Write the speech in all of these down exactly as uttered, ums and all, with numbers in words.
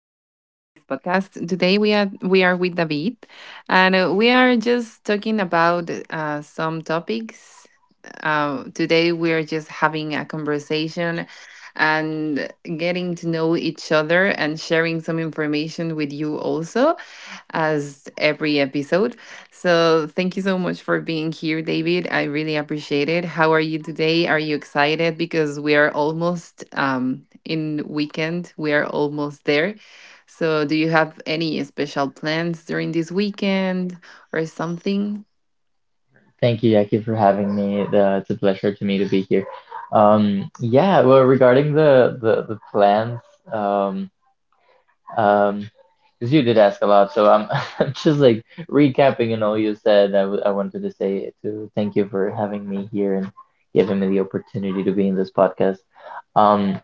this podcast. Today we are we are with David, and uh, we are just talking about uh, some topics. Uh, today we are just having a conversation and getting to know each other and sharing some information with you also as every episode. So thank you so much for being here, David. I really appreciate it. How are you today? Are you excited? Because we are almost um, in weekend. We are almost there. So do you have any special plans during this weekend or something? Thank you, Jackie, for having me. The, it's a pleasure to me to be here. Um, yeah, well, regarding the the the plans, um, um, because you did ask a lot, so I'm I'm just like recapping and all you said. I w- I wanted to say to thank you for having me here and giving me the opportunity to be in this podcast. Um,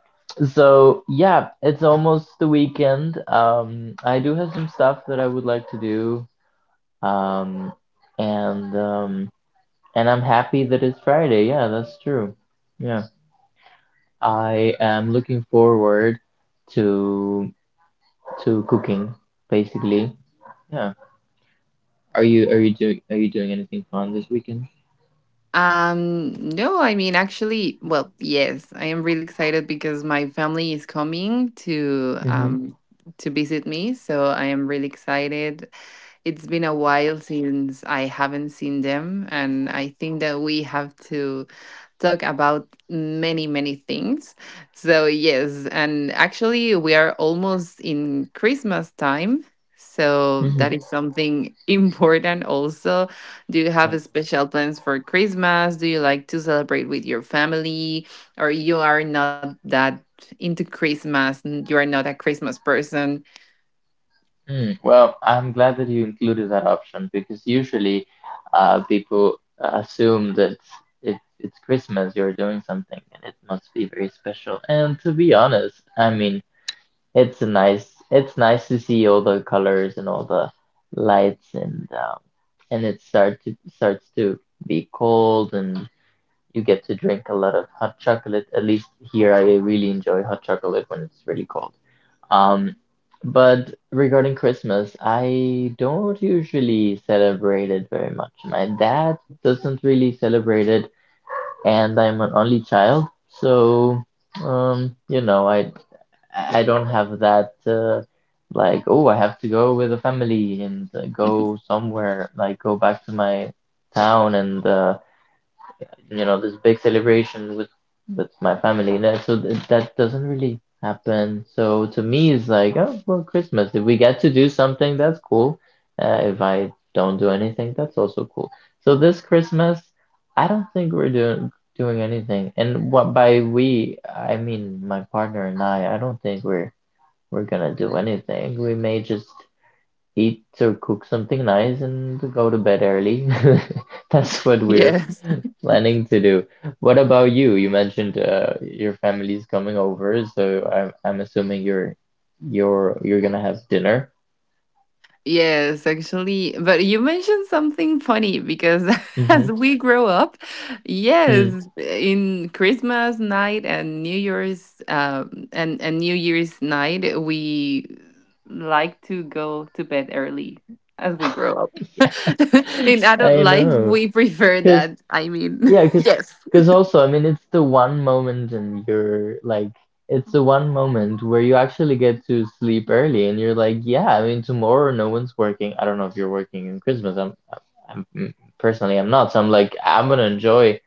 so yeah, it's almost the weekend. Um, I do have some stuff that I would like to do. Um, and um. And I'm happy that it's Friday. Yeah, that's true. Yeah. I am looking forward to to cooking, basically. Yeah. Are you are you doing are you doing anything fun this weekend? Um, no, I mean, actually, well, yes, I am really excited because my family is coming to Mm-hmm. um to visit me, so I am really excited. It's been a while since I haven't seen them, and I think that we have to talk about many, many things. So, yes, and actually, we are almost in Christmas time. So, Mm-hmm. that is something important also. Do you Right. have special plans for Christmas? Do you like to celebrate with your family? Or you are not that into Christmas? n- You are not a Christmas person? Mm. Well, I'm glad that you included that option because usually uh people assume that it, it's Christmas, you're doing something and it must be very special. And to be honest, I mean it's nice. It's nice to see all the colors and all the lights and um, and it start to starts to be cold and you get to drink a lot of hot chocolate. At least here, I really enjoy hot chocolate when it's really cold. Um, but regarding Christmas, I don't usually celebrate it very much. My dad doesn't really celebrate it and I'm an only child, so um, you know, I I don't have that uh, like oh I have to go with the family and uh, go somewhere like go back to my town and uh, you know, this big celebration with with my family. That so th that doesn't really happen. So to me, it's like, oh, well, Christmas. If we get to do something, that's cool. Uh, if I don't do anything, that's also cool. So this Christmas, I don't think we're doing doing anything. And what by we, I mean my partner and I. I don't think we're we're gonna do anything. We may just eat or cook something nice and go to bed early. That's what we're Yes. planning to do. What about you? You mentioned uh, your family's coming over, so I'm I'm assuming you're you're you're gonna have dinner. Yes, actually, but you mentioned something funny because Mm-hmm. as we grow up, Mm. yes, in Christmas night and New Year's um, and and New Year's night, we like to go to bed early as we grow up. In adult I life, know, we prefer cause. that. I mean, Yeah, because yes. because also, I mean, it's the one moment and you're like, it's the one moment where you actually get to sleep early, and you're like, yeah, I mean, tomorrow no one's working. I don't know if you're working in Christmas. I'm, I'm, I'm personally, I'm not. So I'm like, I'm gonna enjoy.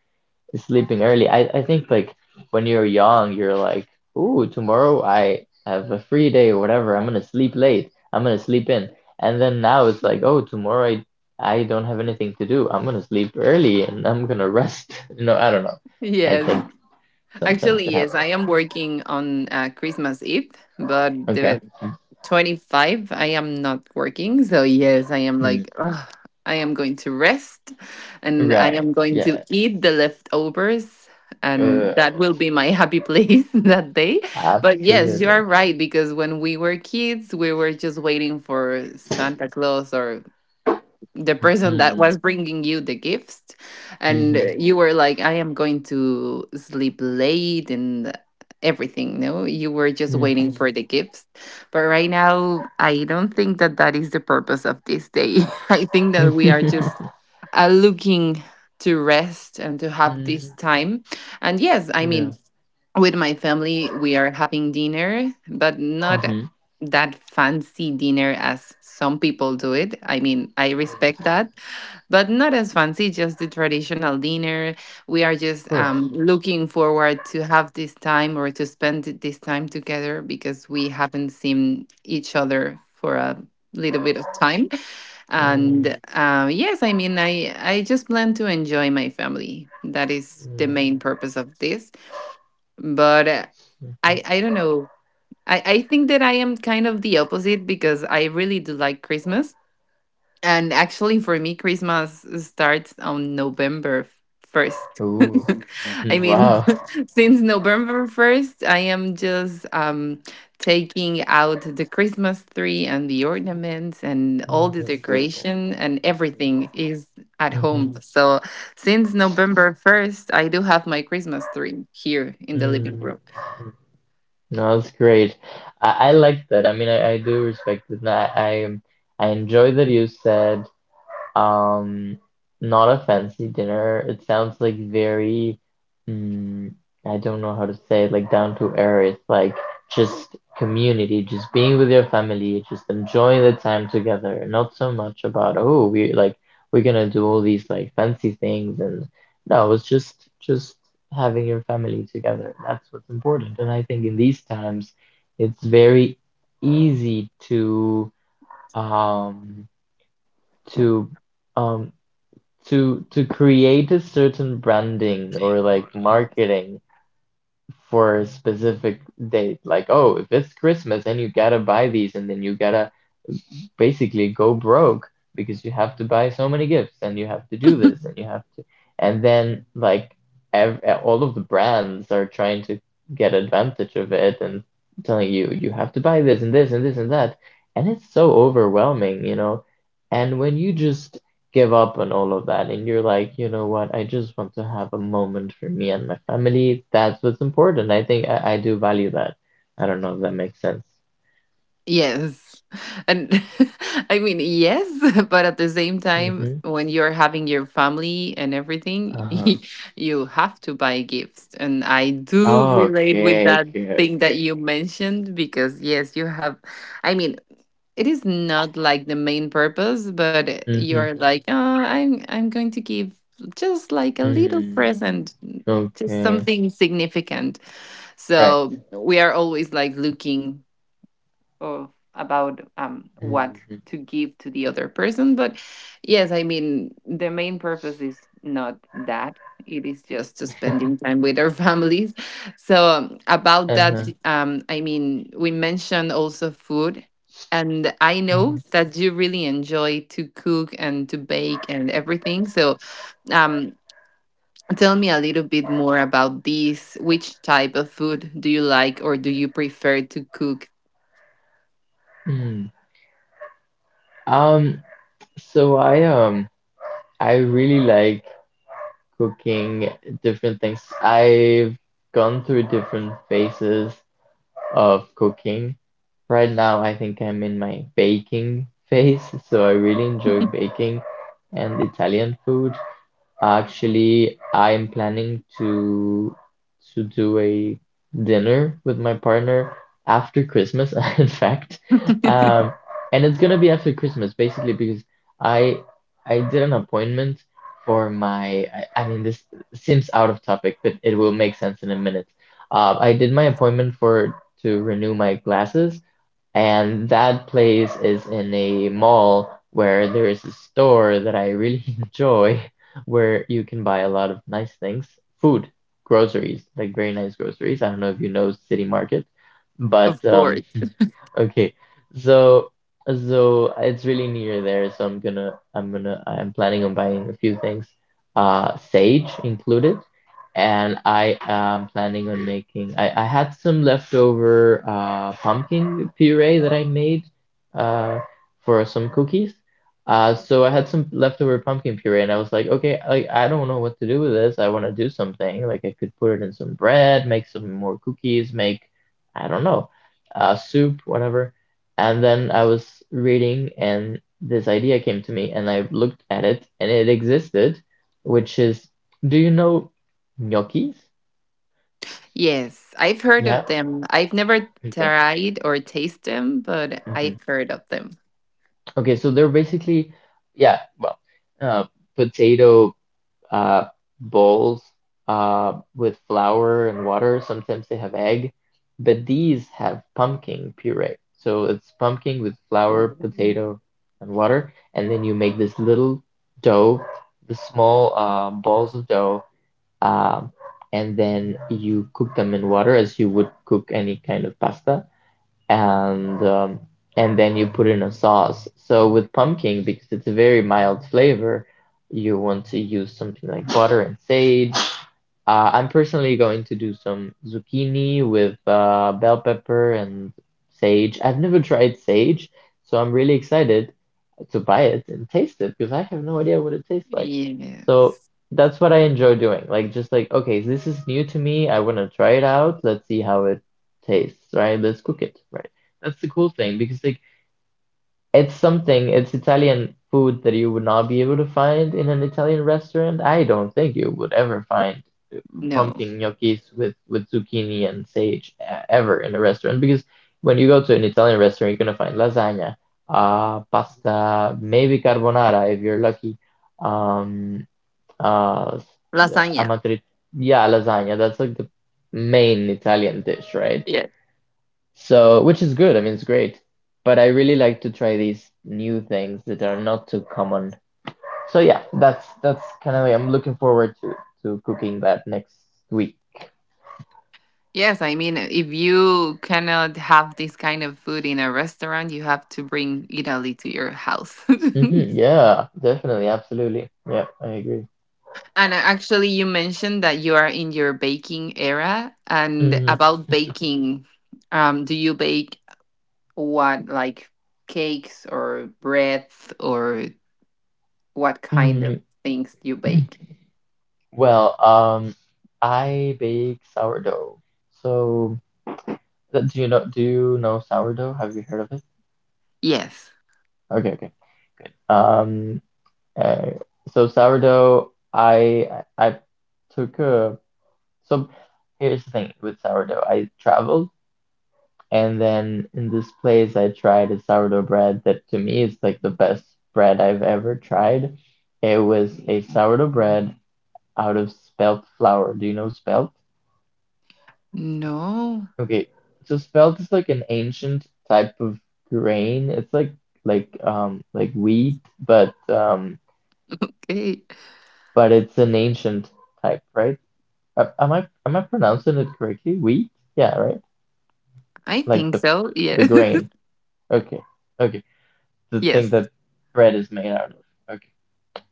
Sleeping early. I, I think like when you're young, you're like, ooh, tomorrow I have a free day or whatever. I'm gonna sleep late. I'm gonna sleep in. And then now it's like, oh, tomorrow I I don't have anything to do. I'm gonna sleep early and I'm gonna rest. You know, I don't know. I Yes. think sometimes Actually, it yes, happens. I am working on uh, Christmas Eve, but Okay. the twenty-fifth I am not working, so yes, I am Mhm. like, "Ugh, I am going to rest and I Right. am going to Yes. eat the leftovers, and Good. that will be my happy place that day." But yes, you Absolutely. are right, because when we were kids, we were just waiting for Santa Claus or the person that Mm. was bringing you the gifts, and uh, Mhm. you were like, I am going to sleep late and everything. No, you were just waiting Mhm. for the gifts. But right now I don't think that that is the purpose of this day. I think that we are just uh, looking to rest and to have this Mhm. time. And yes, I Yeah. mean, with my family we are having dinner, but not Mhm. Of that fancy dinner as some people do it. I mean, I respect that, but not as fancy, just the traditional dinner. We are just course. um, looking forward to have this time or to spend this time together, because we haven't seen each other for a little bit of time. Mm. And uh, yes, I mean, i i just plan to enjoy my family. That is the Mm. main purpose of this. But uh, Mhm. I I don't know. I I think that I am kind of the opposite, because I really do like Christmas. And actually, for me Christmas starts on November first. Ooh. I Hmm. mean, Wow. since November first I am just um taking out the Christmas tree and the ornaments and all Mm. the That's beautiful. decoration and everything is at Mhm. home. So since November first I do have my Christmas tree here in the living Mm. room. Mhm. No, that's great. I, I like that. I mean, I, I do respect it. And I, I um, I enjoy that you said Um, not a fancy dinner. It sounds like very, mm, I don't know how to say it, like down to earth, like just community, just being with your family, just enjoying the time together. Not so much about, oh, we like we're gonna do all these like fancy things and no, it's just just having your family together. That's what's important. And I think in these times, it's very easy to um to um to to create a certain branding or like marketing for a specific date. Like, oh, if it's Christmas, then you gotta buy these, and then you gotta basically go broke because you have to buy so many gifts and you have to do this and you have to and then like ev all of the brands are trying to get advantage of it and telling you you have to buy this and this and this and that and it's so overwhelming, you know and when you just give up on all of that and you're like, you know what, I just want to have a moment for me and my family, that's what's important. I think I, I do value that. I don't know if that makes sense. Yes. And I mean, yes, but at the same time, Mm-hmm. when you're having your family and everything, Uh-huh. you have to buy gifts. And I do Oh, relate with okay, that okay, thing that okay. you mentioned, because, yes, you have, I mean, it is not like the main purpose, but Mm-hmm. you're like, oh, I'm I'm going to give just like a little Mm. present, just Okay. something significant. Right. So we are always like looking of about um, what Mm-hmm. to give to the other person. But yes, I mean the main purpose is not that. It is just to spending time with our families. So Uh-huh. um, about that, um, I mean we mentioned also food. And I Mm-hmm. know that you really enjoy to cook and to bake and everything. So, um, tell me a little bit more about this. Which type of food do you like or do you prefer to cook? Mm. Um, so I um I really like cooking different things. I've gone through different phases of cooking. Right now, I think I'm in my baking phase, so I really enjoy baking and Italian food. Actually, I'm planning to to do a dinner with my partner after Christmas, in fact. Um, and it's gonna be after Christmas, basically, because I I did an appointment for my I, I mean this seems out of topic, but it will make sense in a minute. Uh, I did my appointment for to renew my glasses, and that place is in a mall where there is a store that I really enjoy where you can buy a lot of nice things, food, groceries, like very nice groceries. I don't know if you know City Market, but Of um course. okay. So so it's really near there, so I'm gonna I'm gonna I'm planning on buying a few things, uh sage included and I am planning on making. I, I had some leftover uh, pumpkin puree that I made uh, for some cookies. Uh, so I had some leftover pumpkin puree, and I was like, okay, like I don't know what to do with this. I want to do something. Like I could put it in some bread, make some more cookies, make I don't know, uh, soup, whatever. And then I was reading, and this idea came to me, and I looked at it, and it existed, which is, do you know? Gnocchis? Yes, I've heard Yeah. of them. I've never Okay. tried or tasted them, but Hmm. I've heard of them. Okay, so they're basically, yeah, well, uh, potato uh, bowls uh, with flour and water. Sometimes they have egg, but these have pumpkin puree. So it's pumpkin with flour, Ooh. potato, and water, and then you make this little dough, the small uh, balls of dough, um, and then you cook them in water as you would cook any kind of pasta and um, and then you put in a sauce. So with pumpkin, because it's a very mild flavor, you want to use something like butter and sage. uh, I'm personally going to do some zucchini with uh, bell pepper and sage. I've never tried sage, so I'm really excited to buy it and taste it because I have no idea what it tastes like. So Yes. that's what I enjoy doing. Like, just like, okay, this is new to me. I want to try it out. Let's see how it tastes, right? Let's cook it, right? That's the cool thing because, like, it's something, it's Italian food that you would not be able to find in an Italian restaurant. I don't think you would ever find No. pumpkin gnocchis with with zucchini and sage uh, ever in a restaurant because when you go to an Italian restaurant, you're gonna find lasagna, uh, pasta, maybe carbonara if you're lucky. Um, uh, the Lasagna. amatri, yeah, lasagna. That's like the main Italian dish, right? Yeah. So, which is good. I mean, it's great. But I really like to try these new things that are not too common. So yeah, that's that's kind of I'm looking forward to to cooking that next week. Yes, I mean, if you cannot have this kind of food in a restaurant, you have to bring Italy to your house. Mhm, yeah, definitely, absolutely. Yeah, I agree. And actually, you mentioned that you are in your baking era. And Mhm. about baking, um, do you bake what, like cakes or bread or what kind of Mm, things you bake. well, um, I bake sourdough. So, th- do you know do you know sourdough? Have you heard of it? Yes. Okay, okay. Um, uh, so sourdough, I I I took a so here's the thing with sourdough. I traveled and then in this place I tried a sourdough bread that to me is like the best bread I've ever tried. It was a sourdough bread out of spelt flour. Do you know spelt? No. Okay. So spelt is like an ancient type of grain. It's like like um like wheat, but um Okay. but it's an ancient type, right? A- Am I am I pronouncing it correctly? Wheat? Yeah, right? I Like think the so. the Yes. grain. Okay. Okay. The thing Yes. that bread is made out of. Okay.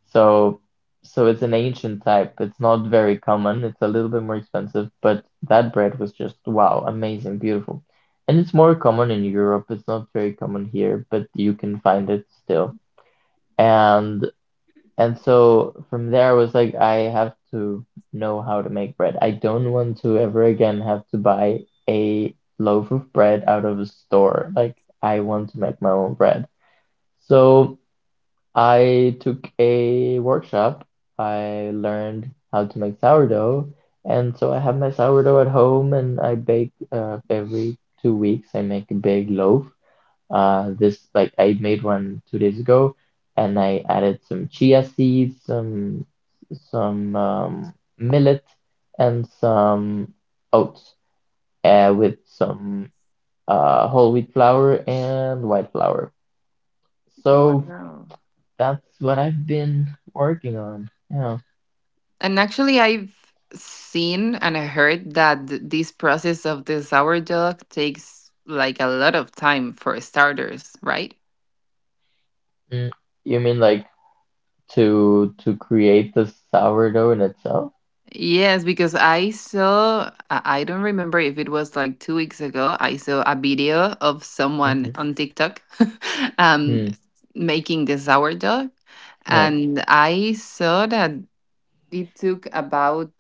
So, so it's an ancient type. It's not very common. It's a little bit more expensive, but that bread was just wow, amazing, beautiful. And it's more common in Europe. It's not very common here, but you can find it still. And and so from there, I was like, I have to know how to make bread. I don't want to ever again have to buy a loaf of bread out of a store. Like, I want to make my own bread. So. I took a workshop. I learned how to make sourdough, and so I have my sourdough at home, and I bake uh, every two weeks. I make a big loaf. Uh, this like I made one two days ago, and I added some chia seeds, some some um, millet, and some oats, uh, with some uh, whole wheat flour and white flour. So Wow. that's what I've been working on. Yeah. And actually, I've seen and I heard that th- this process of the sourdough takes like a lot of time for starters, right? Mm. You mean like to to create the sourdough in itself? Yes, because I saw, I I don't remember if it was like two weeks ago, I saw a video of Mm-hmm. someone on TikTok. um, Mm. Making the sourdough. Right. And I saw that it took about,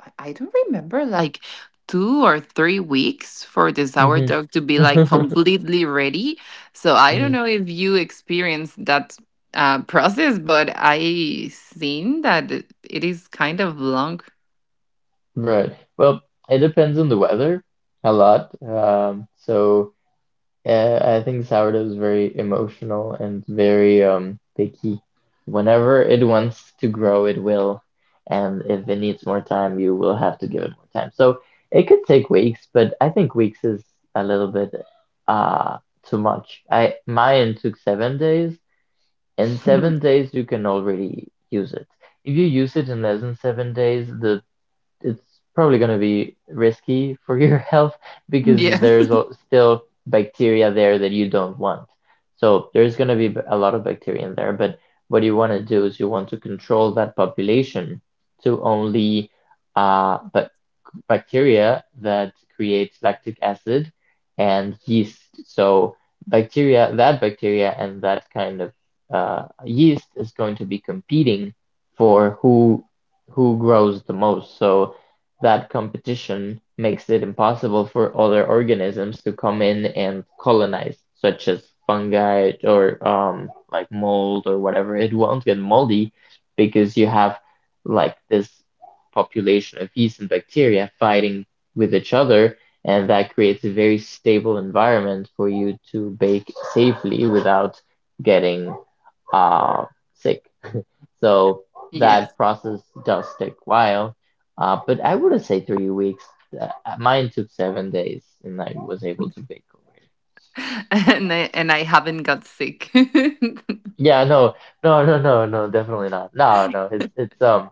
I I don't remember, like two or three weeks for the Mm-hmm. sourdough to be like completely ready. So I don't Mm. know if you experienced that uh, process, but I seen that it it is kind of long. Right. Well, it depends on the weather a lot. Um, so. Yeah, I think sourdough is very emotional and very um picky. Whenever it wants to grow, it will. And if it needs more time, you will have to give it more time. So it could take weeks, but I think weeks is a little bit uh too much. I Mine took seven days. In seven days, you can already use it. If you use it in less than seven days, the it's probably going to be risky for your health because Yes, there's al- still bacteria there that you don't want. So there's going to be b- a lot of bacteria in there, but what you want to do is you want to control that population to only uh, but bacteria that creates lactic acid and yeast. So bacteria, that bacteria and that kind of uh, yeast is going to be competing for who who grows the most. So that competition makes it impossible for other organisms to come in and colonize, such as fungi or um, like mold or whatever. It won't get moldy because you have like this population of yeast and bacteria fighting with each other, and that creates a very stable environment for you to bake safely without getting uh, sick. So yes. that process does take a while, uh, but I wouldn't say three weeks. Uh, Mine took seven days, and I was able to bake over it. And I, and I haven't got sick. Yeah, no, no, no, no, no, definitely not. No, no, it's it's um,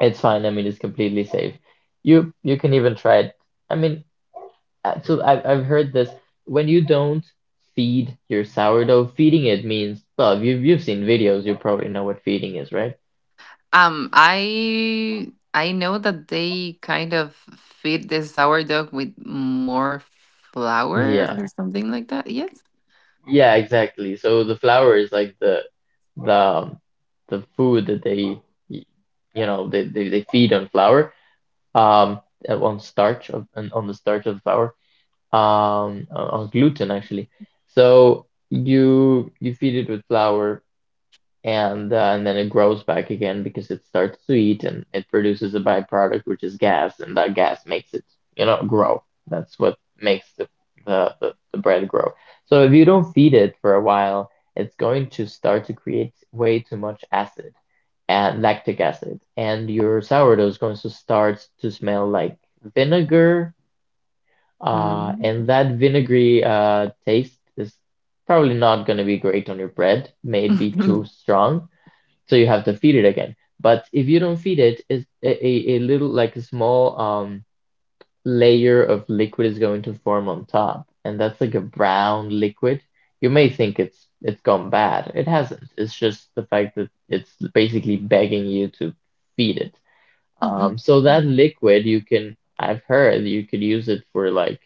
it's fine. I mean, it's completely safe. You you can even try it. I mean. Uh, So I've I've heard this. When you don't feed your sourdough, feeding it means, well, you've you've seen videos, you probably know what feeding is, right? um, I I know that they kind of feed the sourdough with more flour Yeah. or something like that. Yes. Yeah, exactly. So the flour is like the the um, the food that they y- you know they, they, they feed on flour um uh, on starch of on on the starch of flour um on on gluten actually, so you you feed it with flour and uh, and then it grows back again because it starts to eat and it produces a byproduct which is gas, and that gas makes it, you know, grow. That's what makes the the, the, the bread grow. So if you don't feed it for a while, it's going to start to create way too much acid and lactic acid, and your sourdough is going to start to smell like vinegar, uh, Mm. and that vinegary uh, taste is probably not going to be great on your bread, maybe too strong. So you have to feed it again. But if you don't feed it, it's a, a, a little like a small um layer of liquid is going to form on top, and that's like a brown liquid. You may think it's it's gone bad. It hasn't. It's just the fact that it's basically begging you to feed it. Um, so that liquid you can, I've heard you could use it for like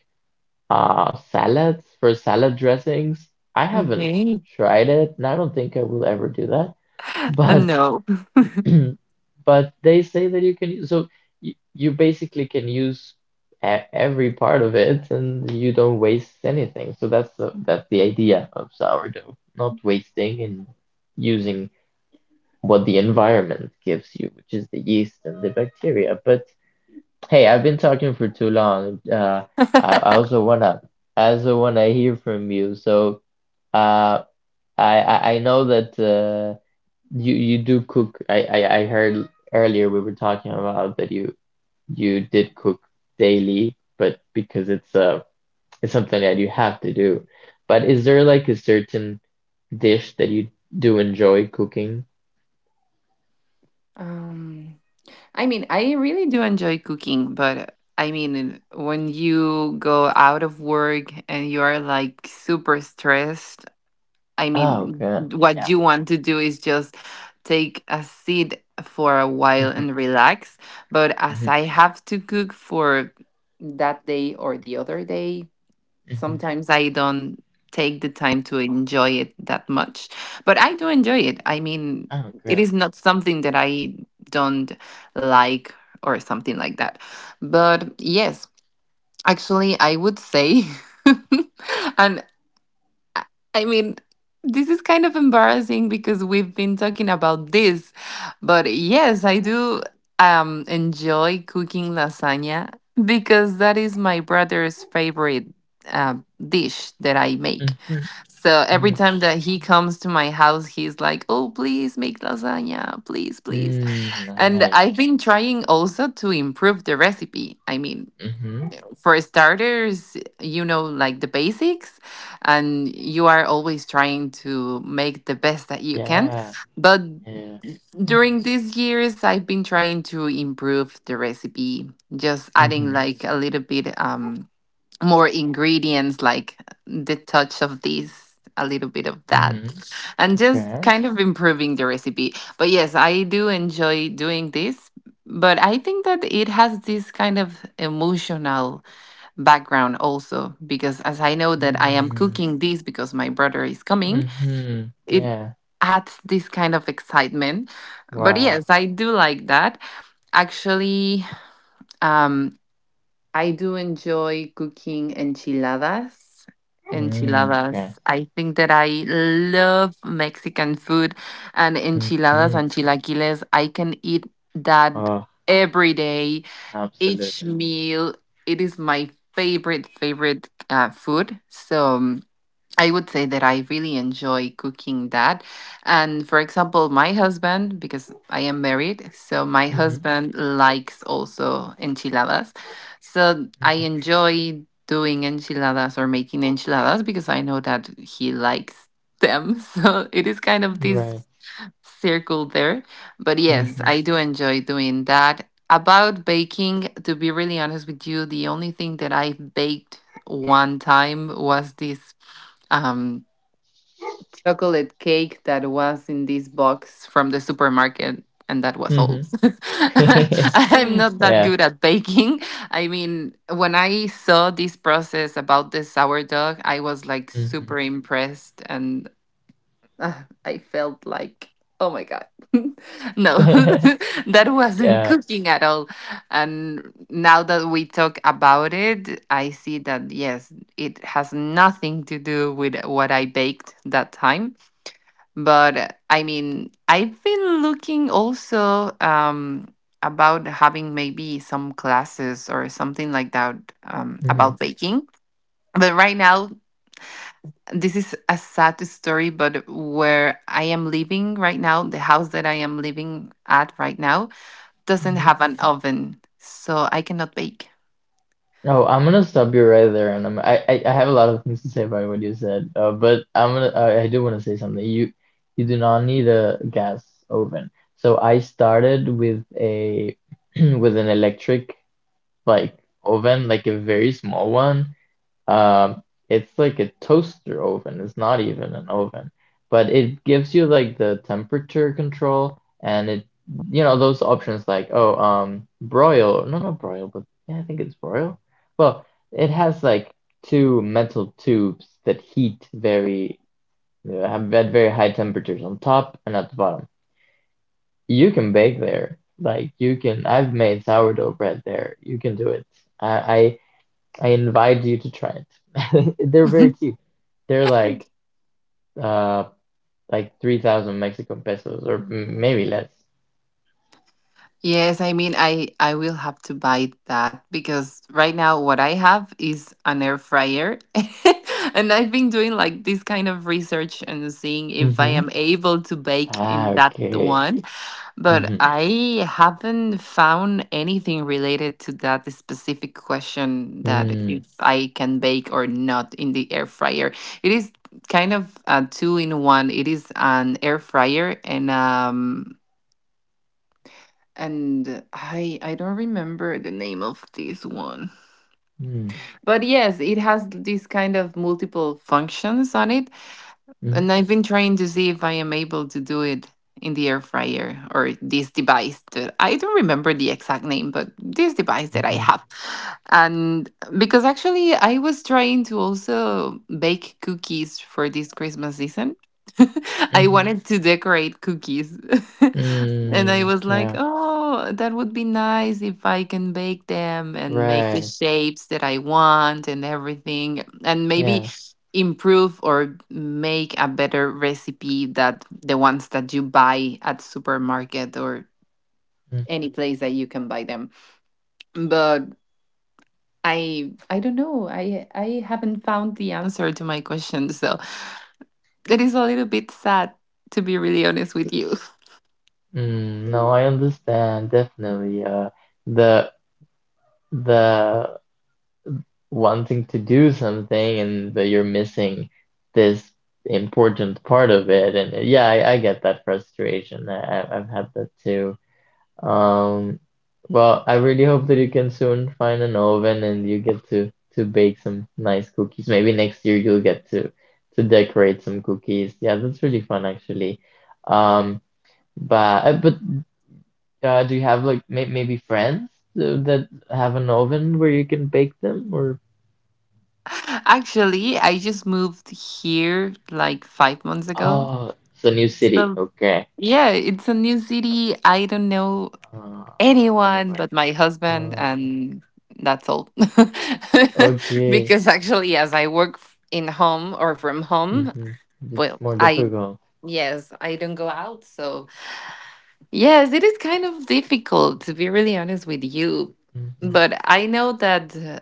uh salads, for salad dressings. I haven't Okay. tried it, and I don't think I will ever do that. Uh, But no. but they say that you can use, so you, you basically can use e- every part of it, and you don't waste anything. So that's the that's the idea of sourdough, not wasting and using what the environment gives you, which is the yeast and the bacteria. But hey, I've been talking for too long. Uh, I, I also wanna I also wanna hear from you. So uh, I I I know that. Uh, you you do cook. I, I I heard earlier we were talking about that you you did cook daily, but because it's uh it's something that you have to do. But is there like a certain dish that you do enjoy cooking? um, I mean, I really do enjoy cooking, but I mean, when you go out of work and you are like super stressed, I Oh, mean, good. what Yeah. you want to do is just take a seat for a while Mhm, and relax. But as mhm, I have to cook for that day or the other day, mhm. sometimes I don't take the time to enjoy it that much. But I do enjoy it. I mean, Oh, it good. is not something that I don't like or something like that. But yes, actually, I would say. And I I mean, this is kind of embarrassing because we've been talking about this, but yes, I do um, enjoy cooking lasagna, because that is my brother's favorite uh, dish that I make. Mhm, So every mhm. time that he comes to my house, he's like, "Oh, please make lasagna, please, please." Mm, And nice. I've been trying also to improve the recipe. I mean, Mhm. for starters, you know, like the basics, and you are always trying to make the best that you can. Yeah. But Yeah. during these years, I've been trying to improve the recipe, just adding Mhm. like a little bit um, more ingredients, like the touch of this, a little bit of that, Mhm. and just Okay. kind of improving the recipe. But yes, I do enjoy doing this. But I think that it has this kind of emotional background also, because as I know that I am Mm. cooking this because my brother is coming, Mhm. it Yeah. adds this kind of excitement. But yes, Wow. I do like that. Actually, um I do enjoy cooking enchiladas. Mm, okay. Enchiladas, I think that I love Mexican food. And enchiladas Hmm. and chilaquiles I can eat that Oh, every day, each absolutely. meal. It is my favorite favorite uh, food. So um, I would say that I really enjoy cooking that. And for example, my husband, because I am married, so my Hmm. husband likes also enchiladas. So I Hmm. enjoy doing enchiladas or making enchiladas because I know that he likes them. So it is kind of this Right. circle there. But yes, Hmm. I do enjoy doing that. About baking, to be really honest with you, the only thing that I baked one time was this um, chocolate cake that was in this box from the supermarket, and that was all. Hmm. I'm not that Yeah. good at baking. I mean, when I saw this process about the sourdough, I was like super Hmm. impressed, and uh, I felt like, oh my God. No, that wasn't Yeah. cooking at all. And now that we talk about it, I see that, yes, it has nothing to do with what I baked that time. But I mean, I've been looking also um, about having maybe some classes or something like that um, Hmm. about baking. But right now, this is a sad story, but where I am living right now, the house that I am living at right now doesn't Hmm. have an oven, so I cannot bake. Oh, I'm gonna stop you right there, and I'm, I, I I have a lot of things to say about what you said. Uh, but I'm gonna I, I do want to say something. You you do not need a gas oven. So I started with a with an electric like oven, like a very small one. Um, it's like a toaster oven. It's not even an oven, but it gives you like the temperature control and it, you know, those options like, oh, um, broil. No, not broil, but yeah, I think it's broil. Well, it has like two metal tubes that heat very, uh, have at very high temperatures on top and at the bottom. You can bake there. Like you can, I've made sourdough bread there. You can do it. I, I I invite you to try it. They're very cheap. They're like uh like three thousand Mexican pesos or m- maybe less. Yes, I mean, I I will have to buy that because right now what I have is an air fryer. And I've been doing like this kind of research and seeing if I am Mm-hmm. able to bake in Ah, that okay. one. But Mm-hmm. I haven't found anything related to that specific question, that Mm, if I can bake or not in the air fryer. It is kind of a two in one. It is an air fryer and um and I I don't remember the name of this one. mm, But yes, it has this kind of multiple functions on it. mm, And I've been trying to see if I am able to do it in the air fryer or this device that I don't remember the exact name, but this device that I mm-hmm. have. And because actually I was trying to also bake cookies for this Christmas season. I Mm-hmm. wanted to decorate cookies. And I Mm, was like, yeah, oh, that would be nice if I can bake them and make the right. shapes that I want and everything. And maybe Yeah. improve or make a better recipe that the ones that you buy at supermarket or Mm. any place that you can buy them, but i i don't know, i i haven't found the answer to my question, so it is a little bit sad, to be really honest with S- you. Mm, no, I understand. Definitely. Uh, the the wanting to do something and that you're missing this important part of it. And uh, yeah, I, I get that frustration. I, I- I've had that too. Um, well, I really hope that you can soon find an oven and you get to to bake some nice cookies. Maybe next year you'll get to to decorate some cookies. Yeah, that's really fun actually. Um, but uh, but uh, do you have like may maybe friends uh, that have an oven where you can bake them or? Actually, I just moved here like five months ago, Oh, it's a new city. so Okay. yeah, it's a new city. I don't know Uh, anyone Anybody. but my husband, Uh, and that's all. okay. Because actually, as I work f- in home or from home, Mm-hmm. It's well, more I difficult. yes, I don't go out, so yes, it is kind of difficult, to be really honest with you. Mm-hmm. But I know that uh,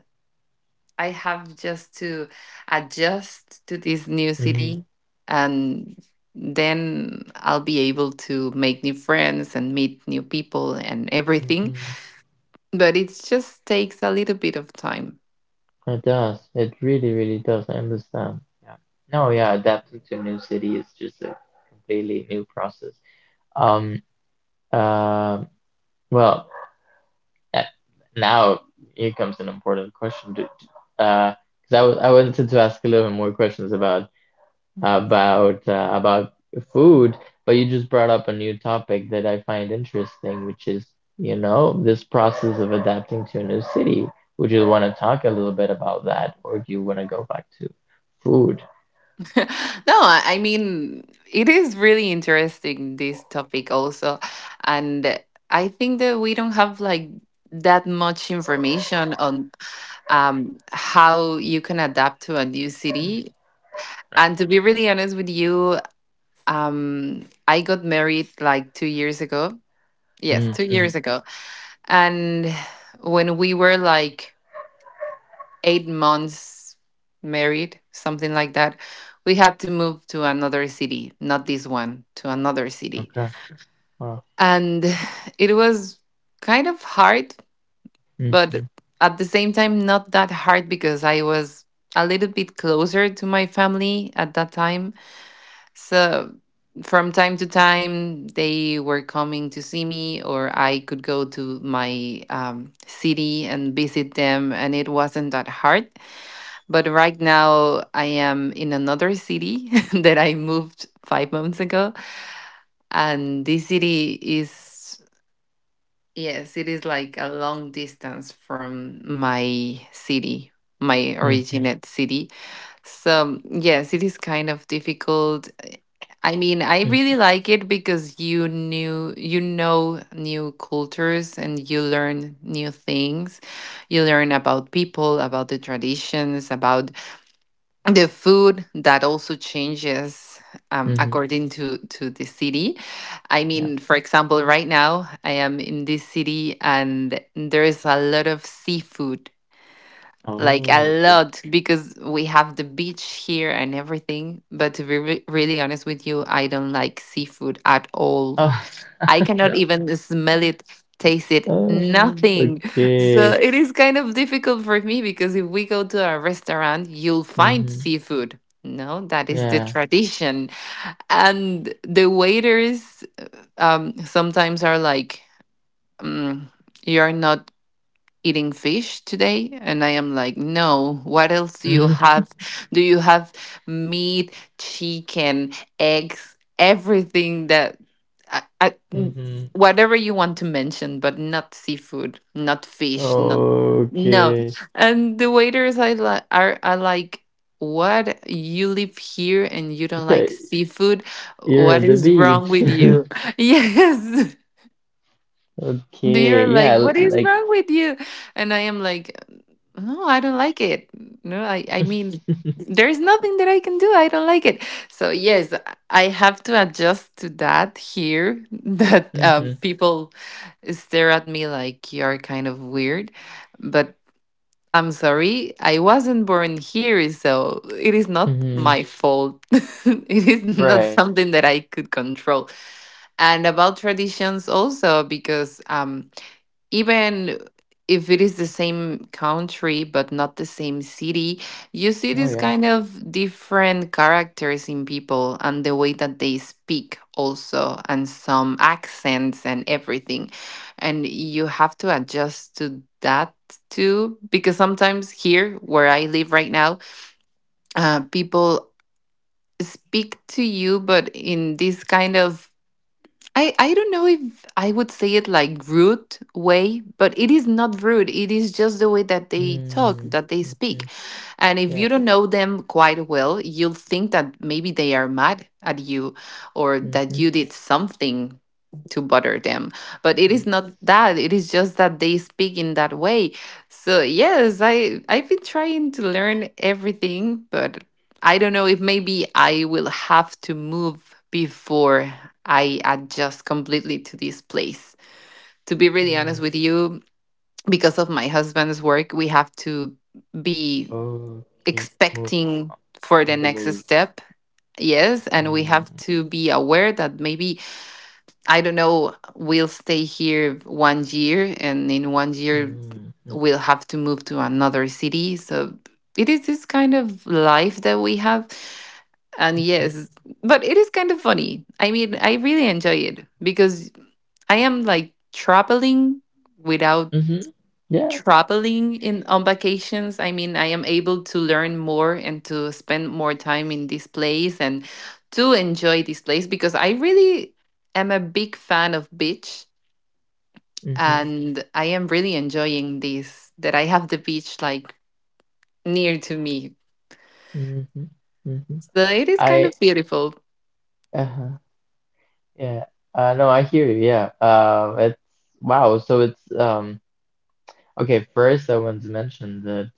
I have just to adjust to this new Mm-hmm. city, and then I'll be able to make new friends and meet new people and everything, Mm-hmm. but it just takes a little bit of time. It does. It really, really does. I understand. Yeah. No, yeah, adapting to a new city is just a completely new process. Um, uh, well, uh, now here comes an important question. Do, do- uh, 'cause I, w- I wanted to ask a little bit more questions about about uh, about food, but you just brought up a new topic that I find interesting, which is, you know, this process of adapting to a new city. Would you want to talk a little bit about that, or do you want to go back to food? No, I I mean, it is really interesting, this topic also. And I think that we don't have like that much information on um, how you can adapt to a new city. Right. And to be really honest with you, um, I got married like two years ago. Yes, two Mm-hmm. years ago. And when we were like eight months married, something like that, we had to move to another city, not this one, to another city. Okay. Wow. And it was kind of hard, Mm-hmm. but at the same time, not that hard because I was a little bit closer to my family at that time. So from time to time, they were coming to see me, or I could go to my um, city and visit them, and it wasn't that hard. But right now, I am in another city that I moved five months ago. And this city is, yes, it is like a long distance from my city, my Mm-hmm. originate city. So, yes, it is kind of difficult. I mean, I really like it because you knew you know new cultures and you learn new things. You learn about people, about the traditions, about the food that also changes um, Mm-hmm. according to to the city. I Yeah. mean, for example, right now I am in this city and there is a lot of seafood, like a Oh, okay. lot, because we have the beach here and everything. But to be re- really honest with you, I don't like seafood at all. Oh, I cannot no. even smell it, taste it, Oh, nothing. So okay. it is kind of difficult for me because if we go to a restaurant, you'll find Mm-hmm. seafood. No, that is the Yeah. tradition. And the waiters, um, sometimes are like, mm, you're not eating fish today. And I am like, no, what else do you have? Do you have meat, chicken, eggs, everything that I, I, n- Mm-hmm. Mm-hmm. whatever you want to mention, but not seafood, not fish, not, no. Okay. And the waiters, I like are are like, what, you live here and you don't like seafood? You're What at the is beach. wrong with you? Yes, they Okay. are Yeah, like, l- "What is like. wrong with you?" And I am like, "No, I don't like it. No, I I mean, there is nothing that I can do. I don't like it." So yes, I have to adjust to that here. That uh, hmm. people stare at me like you're kind of weird, but. I'm sorry, I wasn't born here, so it is not Hmm. my fault. It is not Right. something that I could control. And about traditions also, because um, even if it is the same country but not the same city, you see Oh these yeah. kind of different characters in people and the way that they speak also and some accents and everything. And you have to adjust to that too because sometimes here where I live right now, uh, people speak to you but in this kind of, I, I don't know if I would say it like rude way, but it is not rude. It is just the way that they talk, Mm-hmm. that they Mm-hmm. speak. And if Yeah. you don't know them quite well, you'll think that maybe they are mad at you or that Mm-hmm. you did something to bother them. But it Nice. is not that. It is just that they speak in that way. So yes, I I've been trying to learn everything, but I don't know if maybe I will have to move before I adjust completely to this place. To be really Mm. honest with you, because of my husband's work, we have to be Okay. Move expecting o- for the on the next move. step. Yes, and we Mm. have to be aware that maybe, I don't know, we'll stay here one year, and in one year, Mm. will have to move to another city. So it is this kind of life that we have. And Mm-hmm. yes, but it is kind of funny. I mean, I really enjoy it because I am like traveling without Mm-hmm. Yeah. traveling in on vacations. I mean, I am able to learn more and to spend more time in this place and to enjoy this place because I really am a big fan of beach Mm-hmm. and I am really enjoying this that I have the beach like near to me. Mm-hmm. Mm-hmm. So it is kind of I beautiful. Uh-huh. Yeah. Uh no, I hear you. Yeah. Um it's wow. So it's um okay, first I want to mention the.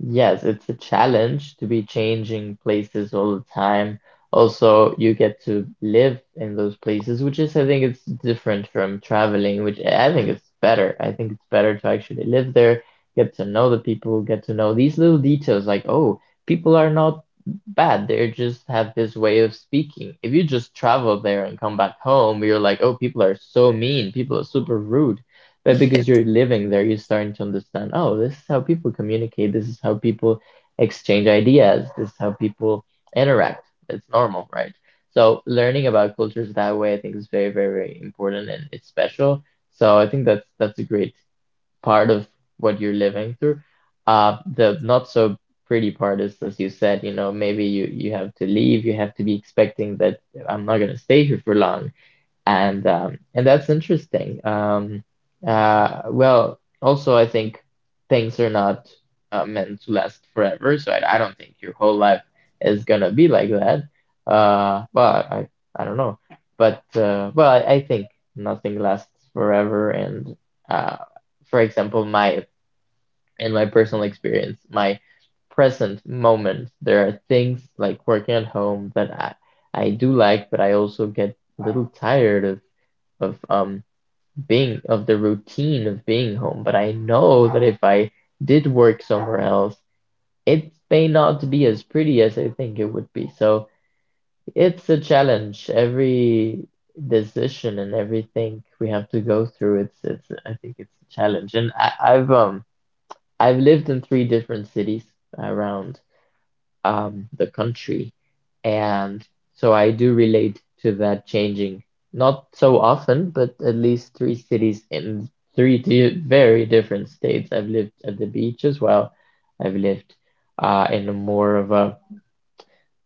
Yes, it's a challenge to be changing places all the time. Also, you get to live in those places, which is, I think, it's different from traveling, which I I think it's better. I think it's better to actually live there, get to know the people, get to know these little details like, oh, people are not bad. They just have this way of speaking. If you just travel there and come back home, you're like, oh, people are so mean, people are super rude. But because Yes. you're living there, you're starting to understand, oh, this is how people communicate, this is how people exchange ideas, this is how people interact. It's normal, right? So learning about cultures that way, I think is very, very, very important and it's special. So I think that's that's a great part of what you're living through. Uh, the not so pretty part is, as you said, you know, maybe you you have to leave, you have to be expecting that I'm not gonna stay here for long, and um, and that's interesting. Um, uh, well, also I think things are not uh, meant to last forever, so I, I don't think your whole life is gonna be like that. Uh, well, I I don't know, but uh, well, I, I think nothing lasts forever, and uh, for example, my in my personal experience, my present moment, there are things like working at home that I I do like, but I also get a little tired of of um being of the routine of being home, but I know that if I did work somewhere else, it may not be as pretty as I think it would be. So it's a challenge. Every decision and everything we have to go through, it's it's I think it's a challenge. And I, I've um I've lived in three different cities around um, the country. And so I do relate to that changing, not so often, but at least three cities in three di very different states. I've lived at the beach as well. I've lived uh, in a more of a